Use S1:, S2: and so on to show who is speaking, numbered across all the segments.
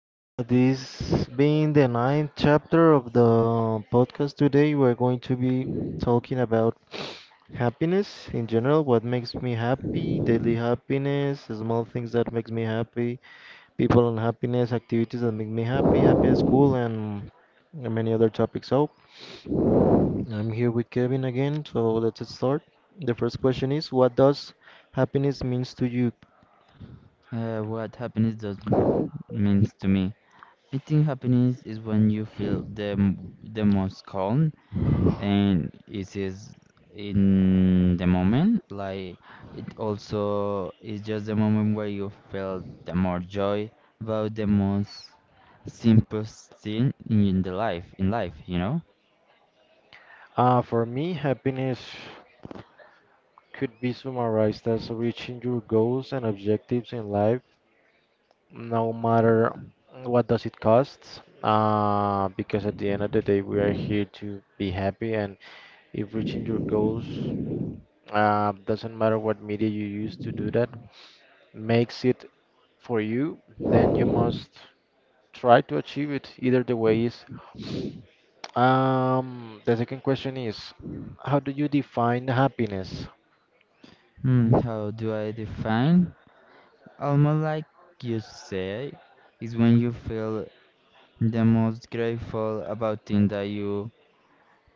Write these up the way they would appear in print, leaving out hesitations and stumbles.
S1: this being the ninth chapter of the podcast today, we're going to be talking about happiness in general, what makes me happy, daily happiness, small things that makes me happy, people and happiness, activities that make me happy, happy at school, and many other topics. So, I'm here with Kevin again, so let's start. The first question is, what does happiness means to you?
S2: What happiness does means to me. I think happiness is when you feel the most calm and it is in the moment. Like it also is just the moment where you feel the more joy about the most simple thing in life.
S1: For me, happiness. Could be summarized as reaching your goals and objectives in life, no matter what does it cost. Because at the end of the day, we are here to be happy, and if reaching your goals doesn't matter what media you use to do that, makes it for you, then you must try to achieve it. Either the way is. The second question is, how do you define happiness?
S2: How do I define? Almost like you say, is when you feel the most grateful about things that you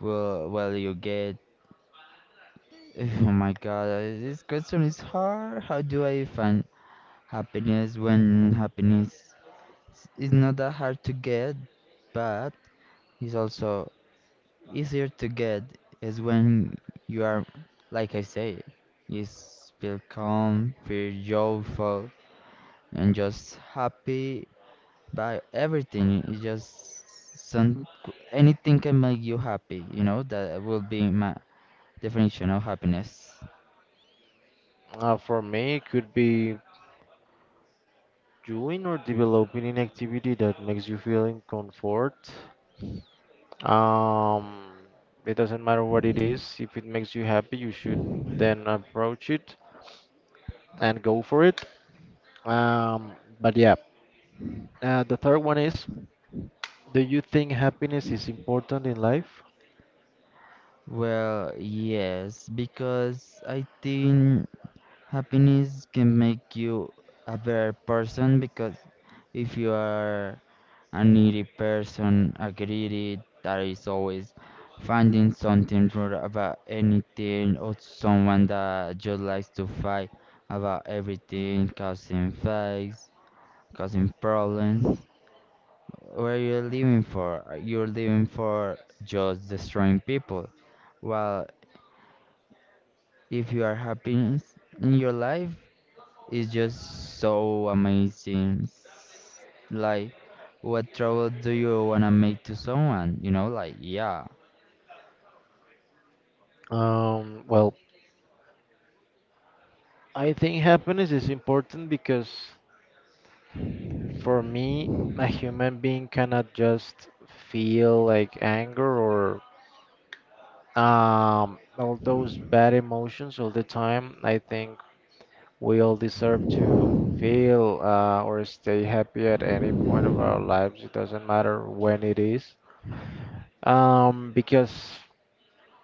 S2: Well, well, you get. Oh my God, this question is hard. How do I find happiness when is not that hard to get, but it's also easier to get is when you are, like I say, feel calm, feel joyful, and just happy by everything. It's just some anything can make you happy. That will be my definition of happiness.
S1: For me, it could be Doing or developing an activity that makes you feel in comfort. Um, it doesn't matter what it is. If it makes you happy, you should then approach it and go for it. Um, but yeah, the third one is, do you think happiness is important in life?
S2: Well, yes, because I think happiness can make you a better person because if you are a needy person, a greedy that is always finding something wrong about anything or someone that just likes to fight about everything, causing fights, causing problems. What are you living for? You're living for just destroying people. Well, if you are happy in your life, it's just so amazing. Like, what trouble do you want to make to someone, like, yeah?
S1: Well, I think happiness is important because for me, a human being cannot just feel like anger or all those bad emotions all the time, I think we all deserve to feel or stay happy at any point of our lives. It doesn't matter when it is. Because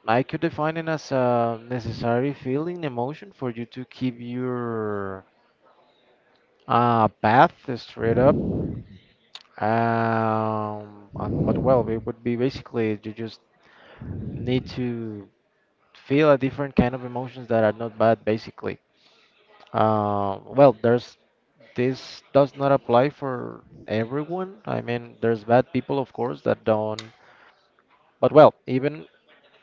S1: I could define it as a necessary feeling, emotion for you to keep your path straight up. But well, it would be basically you just need to feel a different kind of emotions that are not bad, basically. Well, there's this does not apply for everyone. I mean, there's bad people, of course, that don't. But well, even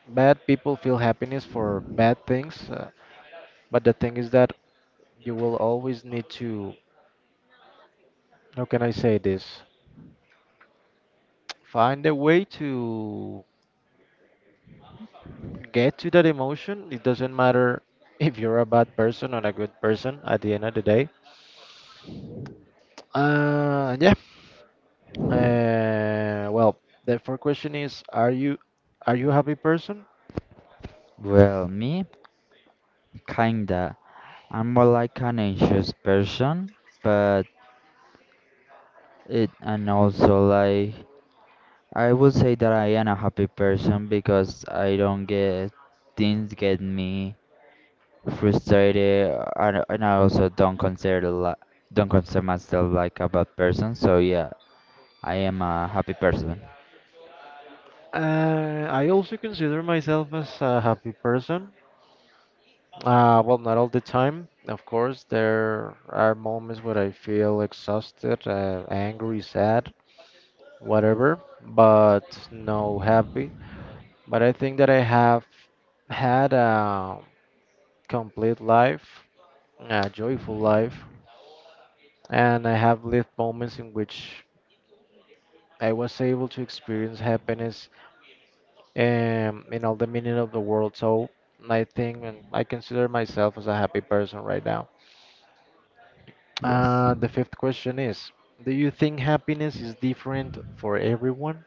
S1: bad people feel happiness for bad things. But the thing is that you will always need to, how can I say this? Find a way to get to that emotion. It doesn't matter if you're a bad person or a good person at the end of the day. Yeah. Well, the fourth question is, are you a happy person?
S2: Well, me, kinda, I'm more like an anxious person, but it and also, like, I would say that I am a happy person because I don't get things get me frustrated, and I also don't don't consider myself like a bad person. So yeah, I am a happy person.
S1: I also consider myself as a happy person. Well, not all the time. Of course, there are moments where I feel exhausted, angry, sad, whatever, but no happy. But I think that I have had a complete life, a joyful life, and I have lived moments in which I was able to experience happiness in all the meaning of the world. So I think and I consider myself as a happy person right now.
S2: Yes.
S1: The fifth question is, do you think happiness is different for everyone?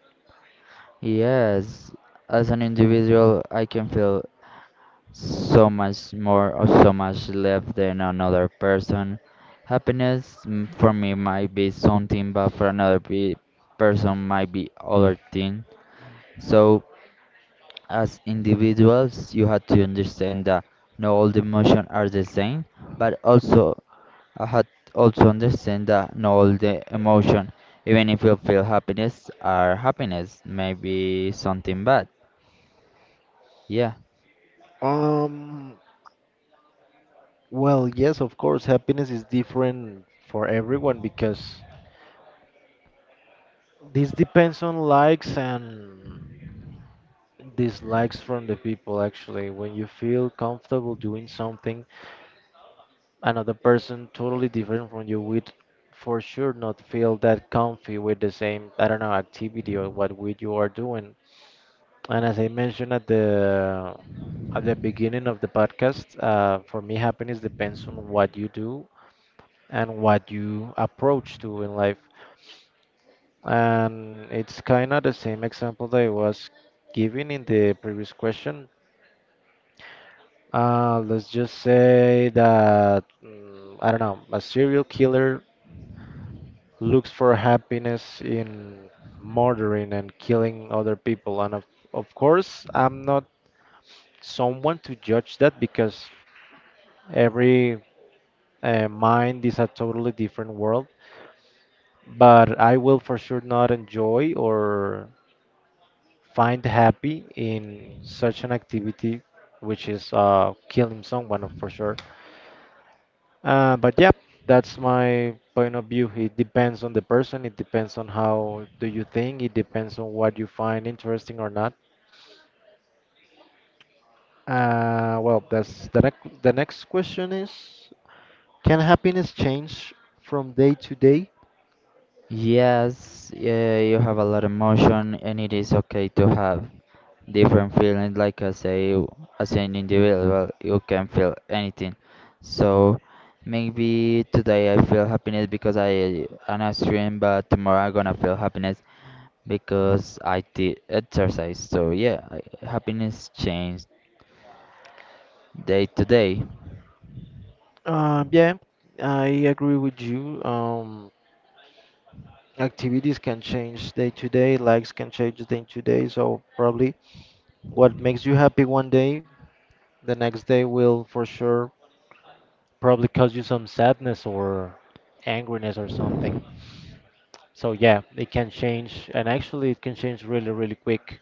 S2: Yes, as an individual I can feel so much more or so much less than another person. Happiness, for me might be something, but for another person might be other thing. So, as individuals, you have to understand that not all the emotions are the same, but also I had also understand that not all the emotion, even if you feel happiness, are happiness, maybe something bad. Yeah.
S1: Um, well, yes, of course, happiness is different for everyone because this depends on likes and dislikes from the people actually. When you feel comfortable doing something, another person totally different from you would for sure not feel that comfy with the same, I don't know, activity or what with you are doing. And as I mentioned at the beginning of the podcast, for me, happiness depends on what you do and what you approach to in life. And it's kind of the same example that I was giving in the previous question. Let's just say that mm, I don't know, a serial killer looks for happiness in murdering and killing other people. Of course, I'm not someone to judge that because every mind is a totally different world. But I will for sure not enjoy or find happy in such an activity, which is killing someone for sure. But yeah, that's my point of view. It depends on the person. It depends on how do you think. It depends on what you find interesting or not. Well, that's the next. The next question is: Can happiness change from day to day?
S2: Yes, yeah, you have a lot of emotion and it is okay to have different feelings. Like I say, as an individual, you can feel anything. So maybe today I feel happiness because I an extreme, but tomorrow I'm gonna feel happiness because I did exercise. So yeah, happiness changed day to day.
S1: Yeah, I agree with you. Activities can change day to day. Likes can change day to day. So probably what makes you happy one day, the next day will for sure probably cause you some sadness or angriness or something. So yeah, it can change, and actually it can change really, really quick.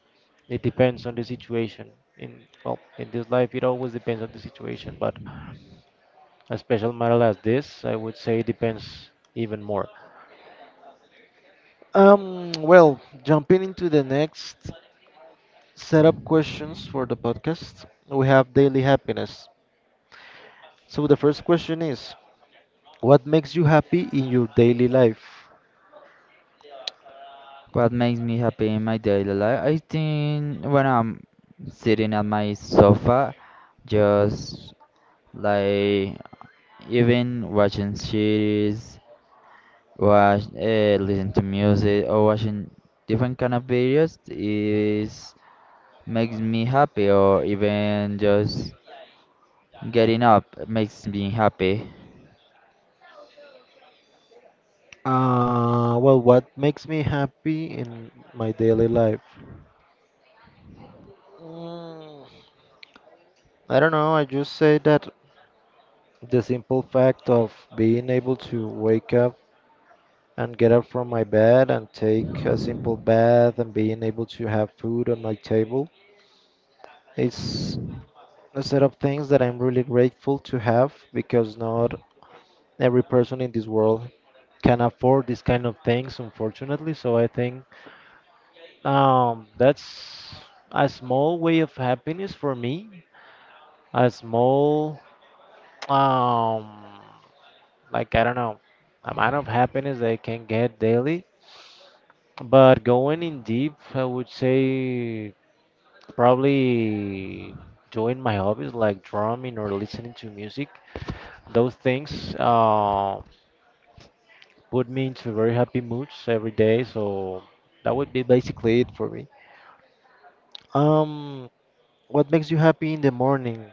S1: It depends on the situation. In well, in this life, it always depends on the situation, but a special matter as this, I would say, depends even more. Well, jumping into the next setup questions for the podcast, we have daily happiness. So the first question is, what makes you happy in your daily life?
S2: What makes me happy in my daily life? I think when I'm sitting at my sofa, just, like, even watching series, watch listen to music or watching different kind of videos is makes me happy, or even just getting up makes me happy.
S1: Well, what makes me happy in my daily life? Mm, I don't know. I just say that the simple fact of being able to wake up and get up from my bed and take a simple bath and being able to have food on my table is a set of things that I'm really grateful to have because not every person in this world can afford these kind of things, unfortunately. So I think that's a small way of happiness for me. A small, um, like I don't know, amount of happiness that I can get daily. But going in deep, I would say probably doing my hobbies like drumming or listening to music. Those things put me into very happy moods every day. So that would be basically it for me. Um, what makes you happy in the morning?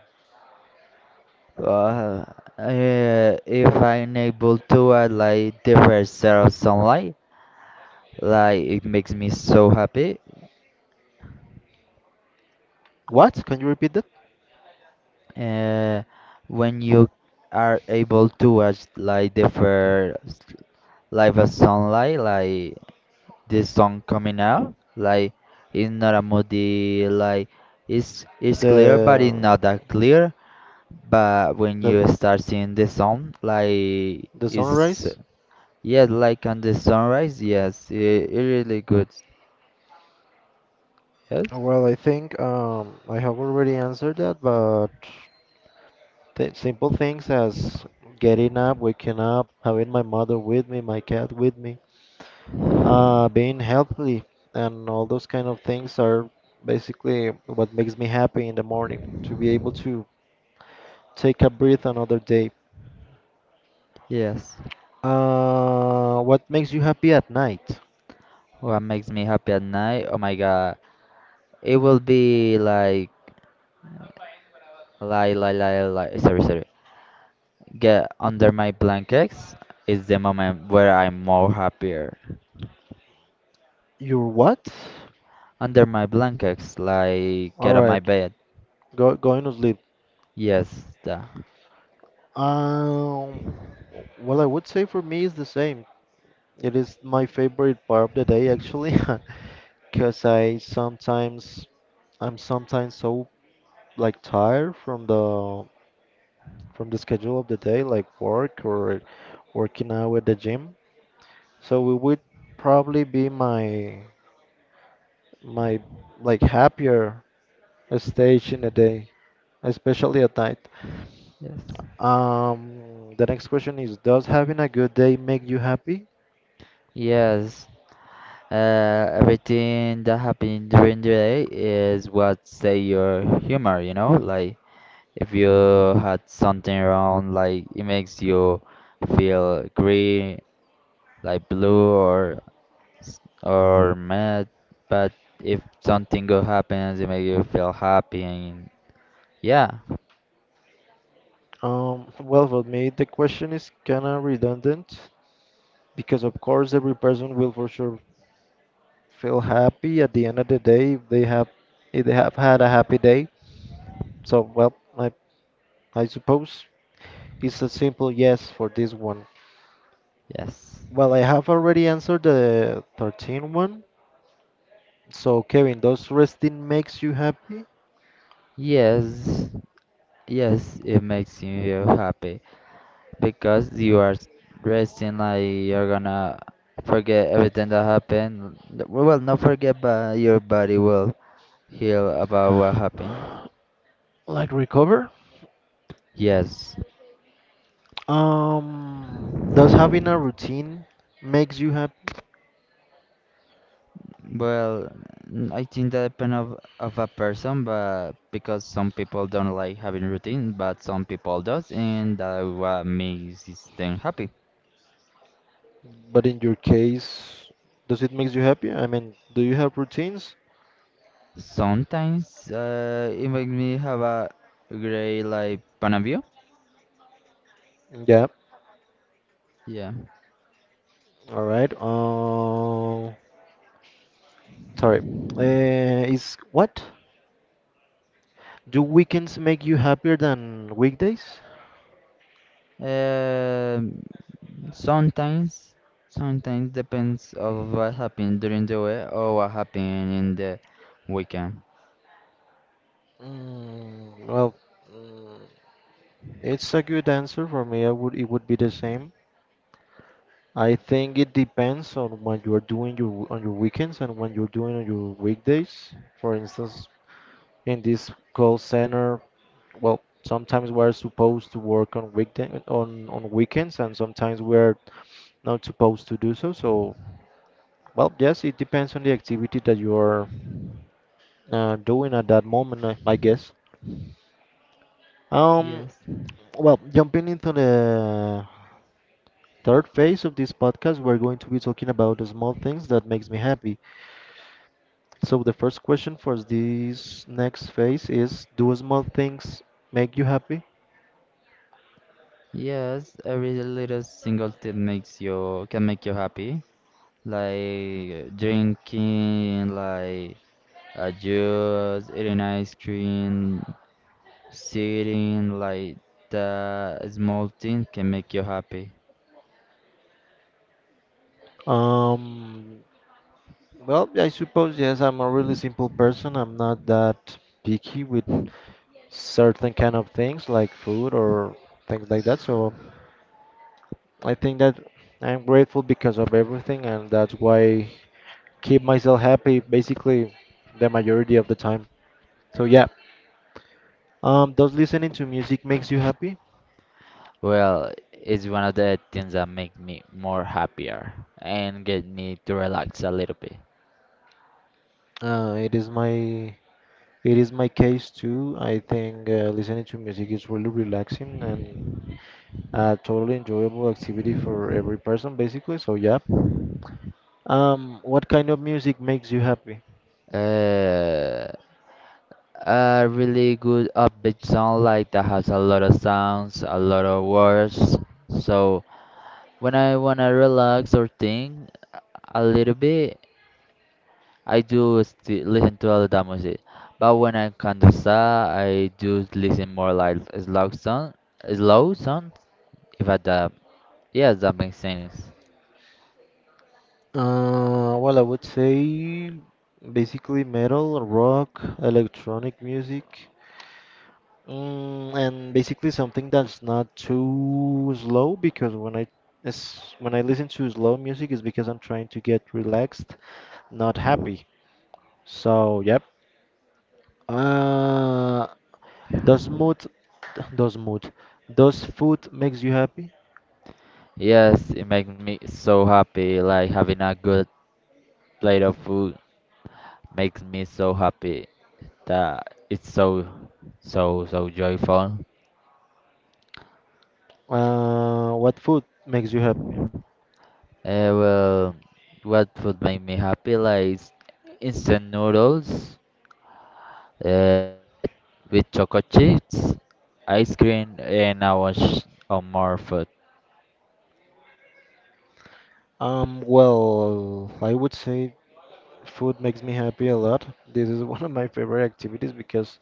S2: uh, if I'm able to add, like, different set of sunlight, like, it makes me so happy.
S1: What? Can you repeat that?
S2: uh, when you are able to watch, like, different live of sunlight, like this song coming out. Like, it's not a moody, like, it's clear but it's
S1: The
S2: not that clear. But when
S1: the
S2: you start seeing the song, like
S1: the
S2: it's,
S1: sunrise?
S2: yeah, like, on the sunrise, yes, it really good. Yes.
S1: Well, I think I have already answered that, but th simple things as getting up, waking up, having my mother with me, my cat with me, being healthy, and all those kind of things are basically what makes me happy in the morning to be able to take a breath another day.
S2: Yes.
S1: What makes you happy at night?
S2: What makes me happy at night? Oh my god, it will be like. Sorry, sorry. Get under my blankets is the moment where I'm more happier.
S1: Your what?
S2: Under my blankets, like
S1: All
S2: get on my
S1: right,
S2: bed.
S1: go going to sleep.
S2: Yes, da.
S1: Um, well, I would say for me it's the same. It is my favorite part of the day actually, because I'm sometimes so like tired from the schedule of the day, like work or working out at the gym. So it would probably be my like happier stage in the day, especially at night.
S2: Yes.
S1: The next question is, does having a good day make you happy?
S2: Yes. Everything that happened during the day is what say your humor, you know? Like if you had something wrong, like it makes you feel green, like blue, or or mad. But if something good happens, it makes you feel happy, and yeah.
S1: Well, for me, the question is kind of redundant because, of course, every person will for sure feel happy at the end of the day if they have had a happy day. So, well, I suppose it's a simple yes for this one.
S2: Yes.
S1: Well, I have already answered the 13th one. So, Kevin, does resting makes you happy?
S2: Yes. Yes, it makes you happy because you are resting, like you're gonna forget everything that happened. Well, not forget, but your body will heal about what happened.
S1: Like recover?
S2: Yes.
S1: Um, does having a routine makes you happy?
S2: Well, I think that depends of a person, but because some people don't like having routine, but some people does, and that what makes is them happy.
S1: But in your case, does it make you happy? I mean, do you have routines?
S2: Sometimes it makes me have a great, like, point of view.
S1: Yeah.
S2: Yeah.
S1: All right. Sorry. Is what? Do weekends make you happier than weekdays?
S2: Um, sometimes, sometimes depends of what happened during the week or what happened in the weekend.
S1: Mm, well, mm, it's a good answer for me. I would it would be the same. I think it depends on what you are doing your on your weekends and when you're doing on your weekdays. For instance, in this call center, well, sometimes we're supposed to work on weekday on weekends, and sometimes we're not supposed to do so. So, well, yes, it depends on the activity that you're doing at that moment, I guess. Um,
S2: Yes,
S1: well, jumping into the third phase of this podcast, we're going to be talking about the small things that makes me happy. So the first question for this next phase is, do small things make you happy?
S2: yes, every little single thing makes you can make you happy, like drinking, like a juice, eating ice cream, sitting, like the small thing can make you happy.
S1: Um, Well, I suppose yes, I'm a really simple person. I'm not that picky with certain kind of things like food or things like that. So I think that I'm grateful because of everything, and that's why keep myself happy basically the majority of the time. So yeah, does listening to music makes you happy?
S2: Well, it's one of the things that make me more happier and get me to relax a little bit.
S1: Uh, it is my it is my case too. I think listening to music is really relaxing and a totally enjoyable activity for every person basically. So yeah. What kind of music makes you happy?
S2: Uh, a really good upbeat song, like, that has a lot of sounds, a lot of words. So when I wanna relax or think a little bit, I do sti listen to all that music. But when I'm kinda sad, I do listen more like slow songs. If I that, Yes, that makes sense.
S1: Well, I would say basically metal, rock, electronic music, mm, and basically something that's not too slow because when I listen to slow music, it's because I'm trying to get relaxed, not happy. So, yep. Uh, does mood, does mood, does food makes you happy?
S2: Yes, it makes me so happy. Like having a good plate of food makes me so happy that it's so, so, so joyful.
S1: What food makes you happy?
S2: Well, what would make me happy? Like, instant noodles, bread with chocolate chips, ice cream, and I was on more food.
S1: Well, I would say food makes me happy a lot. This is one of my favorite activities because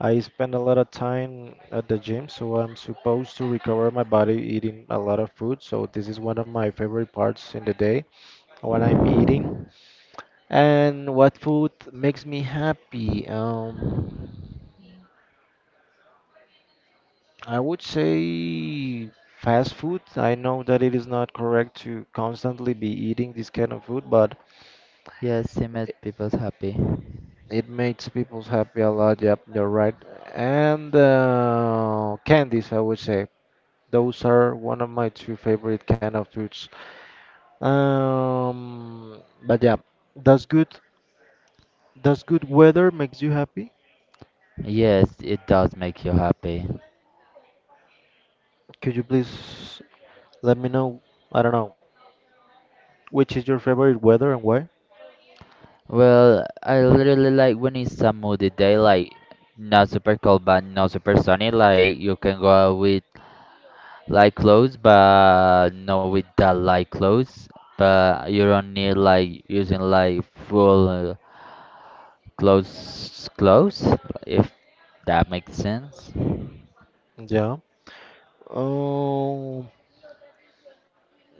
S1: I spend a lot of time at the gym, so I'm supposed to recover my body eating a lot of food. So this is one of my favorite parts in the day when I'm eating. And what food makes me happy? I would say fast food. I know that it is not correct to constantly be eating this kind of food, but
S2: Yes, it makes people happy.
S1: it makes people happy a lot. Yep, you're right. And candies, I would say. Those are one of my two favorite kind of foods. Um, but yeah, does good does good weather makes you happy?
S2: Yes, it does make you happy.
S1: Could you please let me know? I don't know which is your favorite weather and why?
S2: Well, I literally like when it's a moody day, like not super cold but not super sunny. Like you can go out with light clothes, but not with that light clothes. But you don't need like using like full clothes, if that makes sense.
S1: Yeah. Um,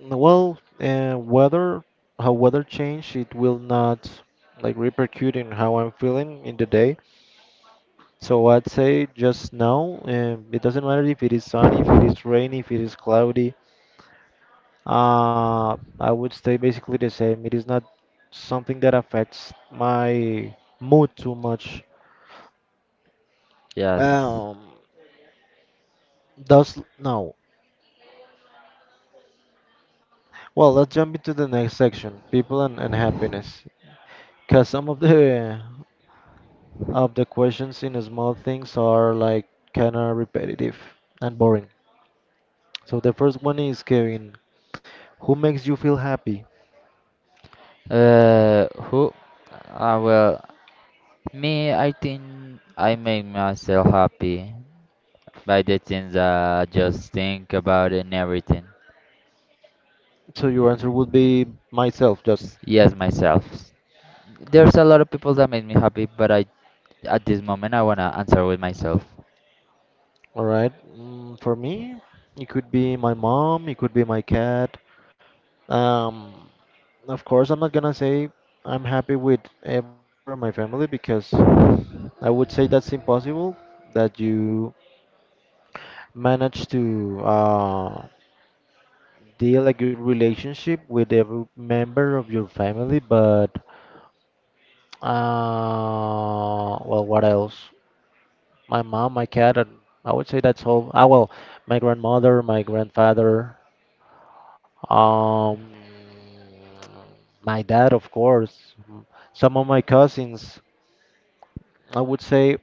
S1: Weather, how weather change, it will not like repercute in how I'm feeling in the day. So I'd say just now, it doesn't matter if it is sunny, if it is rainy, if it is cloudy. I would stay basically the same. It is not something that affects my mood too much.
S2: Yes.
S1: Um, does no. Well, let's jump into the next section, people and happiness. Cause some of the questions in small things are like kind of repetitive and boring. So the first one is, Kevin, who makes you feel happy?
S2: Who? Well, me. I think I make myself happy by the things I just think about and everything.
S1: So your answer would be myself, just.
S2: Yes, myself. There's a lot of people that make me happy, but I, at this moment, I wanna answer with myself.
S1: All right. Mm, for me, it could be my mom, it could be my cat. Um, of course, I'm not gonna say I'm happy with every member of my family because I would say that's impossible that you manage to deal a good relationship with every member of your family. But well, what else? My mom, my cat, and I would say that's all. Ah, well, my grandmother, my grandfather, um, my dad, of course, some of my cousins. I would say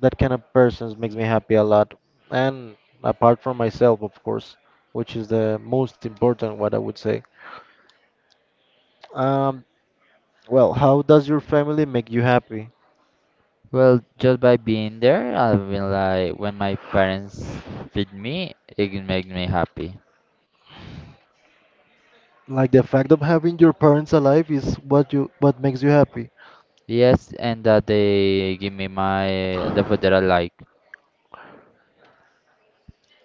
S1: that kind of persons makes me happy a lot. And apart from myself, of course, which is the most important, what I would say. Um, well, how does your family make you happy?
S2: Well, just by being there, I've been like, when my parents feed me, it makes me happy.
S1: Like the fact of having your parents alive is what you what makes you happy.
S2: Yes, and that they give me my the food that I like.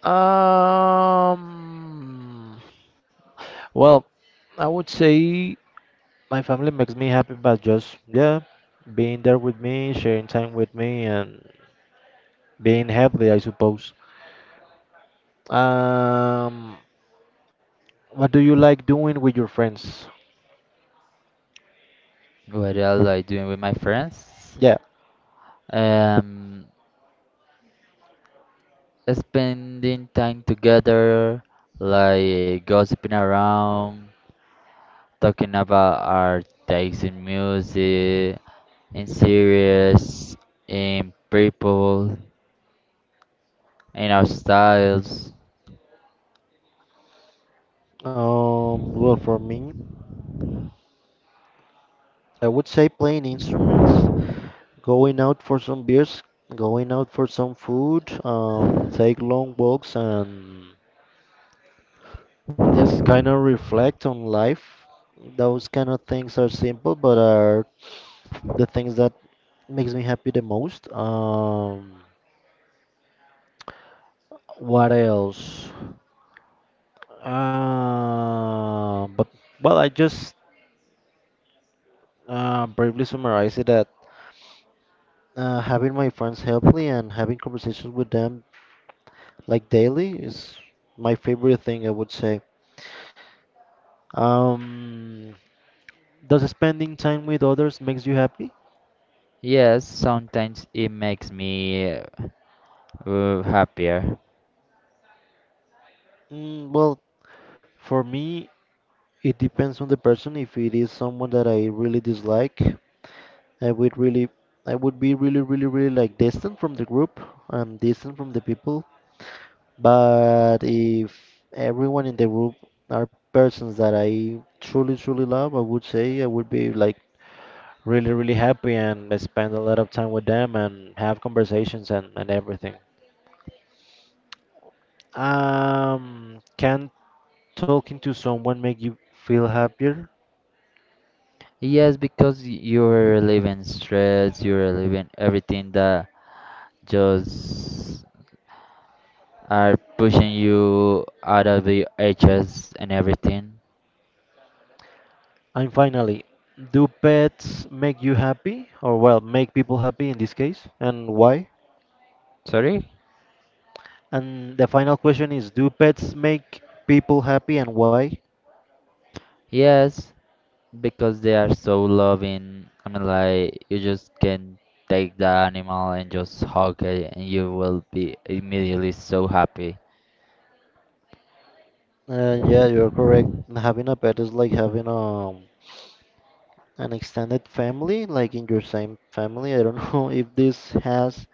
S1: Um, well, I would say my family makes me happy by just, yeah, being there with me, sharing time with me, and being healthy, I suppose. Um, what do you like doing with your friends?
S2: What I like doing with my friends,
S1: Yeah.
S2: um, spending time together, like gossiping around, talking about our takes in music, in series, in people, in our styles.
S1: Well, for me, I would say playing instruments, going out for some beers, going out for some food, take long walks, and just kind of reflect on life. Those kind of things are simple, but are the things that makes me happy the most. What else? But well, I just briefly summarize it that having my friends help me and having conversations with them like daily is my favorite thing, I would say. Um, does spending time with others makes you happy?
S2: Yes, sometimes it makes me happier.
S1: Mm, well, for me, it depends on the person. If it is someone that I really dislike, I would really, I would be really, really, really like distant from the group. I'm distant from the people. But if everyone in the group are persons that I truly, truly love, I would say I would be like really, really happy and spend a lot of time with them and have conversations and everything. Can talking to someone make you feel happier?
S2: Yes, because you're living stress, you're living everything that just are pushing you out of the edges and everything.
S1: And finally, do pets make you happy, or well, make people happy in this case, and why?
S2: Sorry?
S1: And the final question is, do pets make people happy, and why?
S2: Yes, because they are so loving. I mean, like you just can take the animal and just hug it, and you will be immediately so happy.
S1: Yeah, you're correct. Having a pet is like having an extended family, like in your same family. I don't know if this has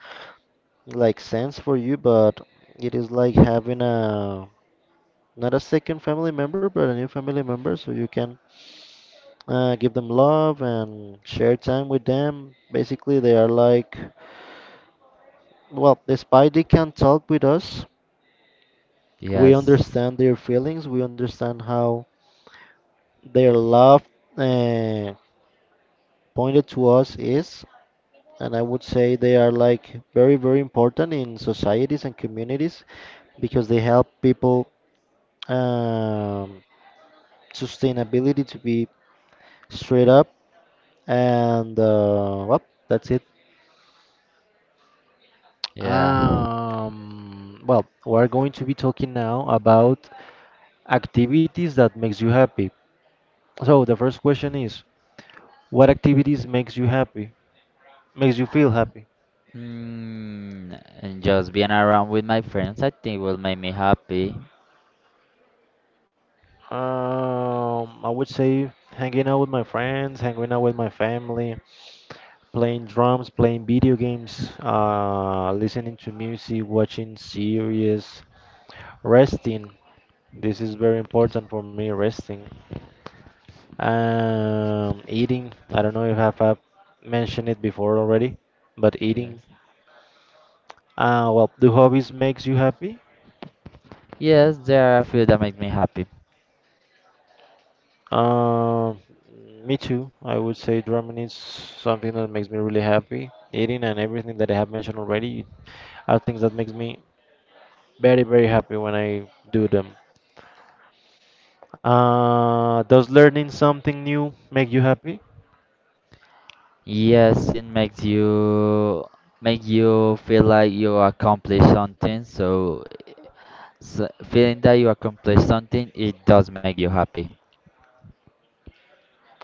S1: like sense for you, but it is like having a not a second family member, but a new family member, so you can give them love and share time with them. Basically, they are like, well, despite they can't talk with us, we
S2: Yes,
S1: understand their feelings, we understand how their love uh, pointed to us is. And I would say they are like very, very important in societies and communities because they help people um, sustainability to be straight up. And well, that's it.
S2: yeah.
S1: Well, we're going to be talking now about activities that makes you happy. So the first question is, what activities makes you happy? Makes you feel happy?
S2: And just being around with my friends, I think will make me happy.
S1: I would say hanging out with my friends, hanging out with my family, playing drums, playing video games, listening to music, watching series, resting. This is very
S2: Because,
S1: important for me, resting. Eating. I don't know if I've mentioned it before already, but eating.
S2: yes,
S1: Well, do hobbies makes you happy?
S2: yes, there are a few that make me happy.
S1: Um, Me too. I would say drumming is something that makes me really happy. Eating and everything that I have mentioned already are things that makes me very, very happy when I do them. Does learning something new make you happy?
S2: Yes, it makes you make you feel like you accomplished something. So, feeling that you accomplished something, it does make you happy.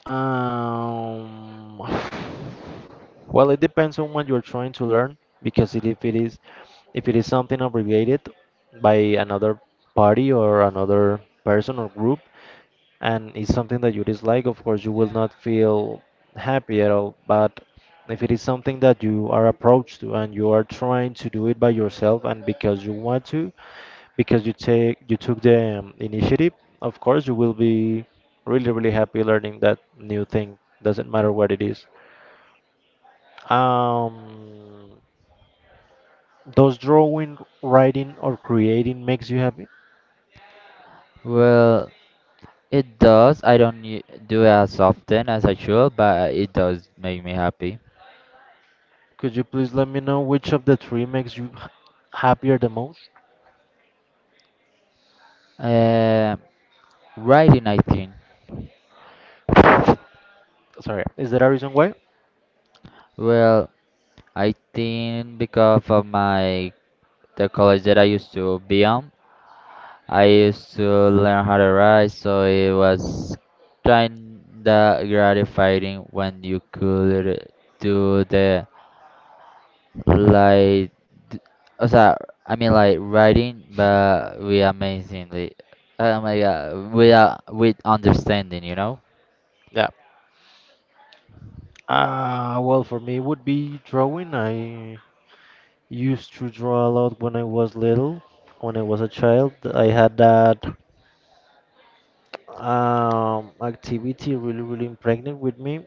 S1: Um, well, it depends on what you're trying to learn because if it is something obligated by another party or another person or group and it's something that you dislike, of course you will not feel happy at all. But if it is something that you are approached to and you are trying to do it by yourself and because you want to, because you took the initiative, of course you will be really really happy learning that new thing, doesn't matter what it is. um does drawing, writing or creating makes you happy?
S2: Well, it does. I don't do it as often as I should, but it does make me happy.
S1: Could you please let me know which of the three makes you happier the most?
S2: Um, Writing, I think.
S1: Sorry, is there a reason why?
S2: Well, I think because of my the college that I used to be on, I used to learn how to write, so it was kinda gratifying when you could do the, like, d- o sea, I mean, like writing, but we amazingly, oh my god, we are with understanding.
S1: Yeah. Well, for me it would be drawing. I used to draw a lot when I was little, when I was a child. I had that activity really, really impregnated with me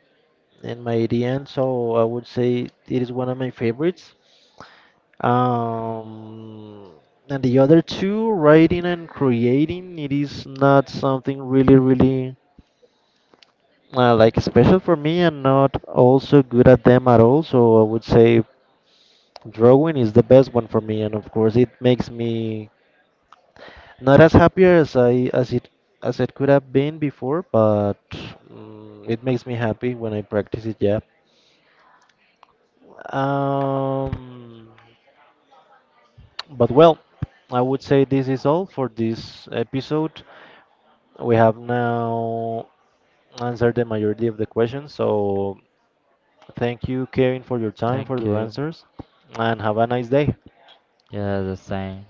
S1: and my ADN. So I would say it is one of my favorites. Um, and the other two, writing and creating, it is not something really, really like special for me. I'm not also good at them at all. So I would say drawing is the best one for me. And of course, it makes me not as happy as it could have been before, but mm, it makes me happy when I practice it. Yeah. Um, but Well, I would say this is all for this episode. We have now answered the majority of the questions, so thank you, Kevin, for your time, for
S2: Thank
S1: your
S2: you.
S1: answers, and have a nice day.
S2: Yeah, the same.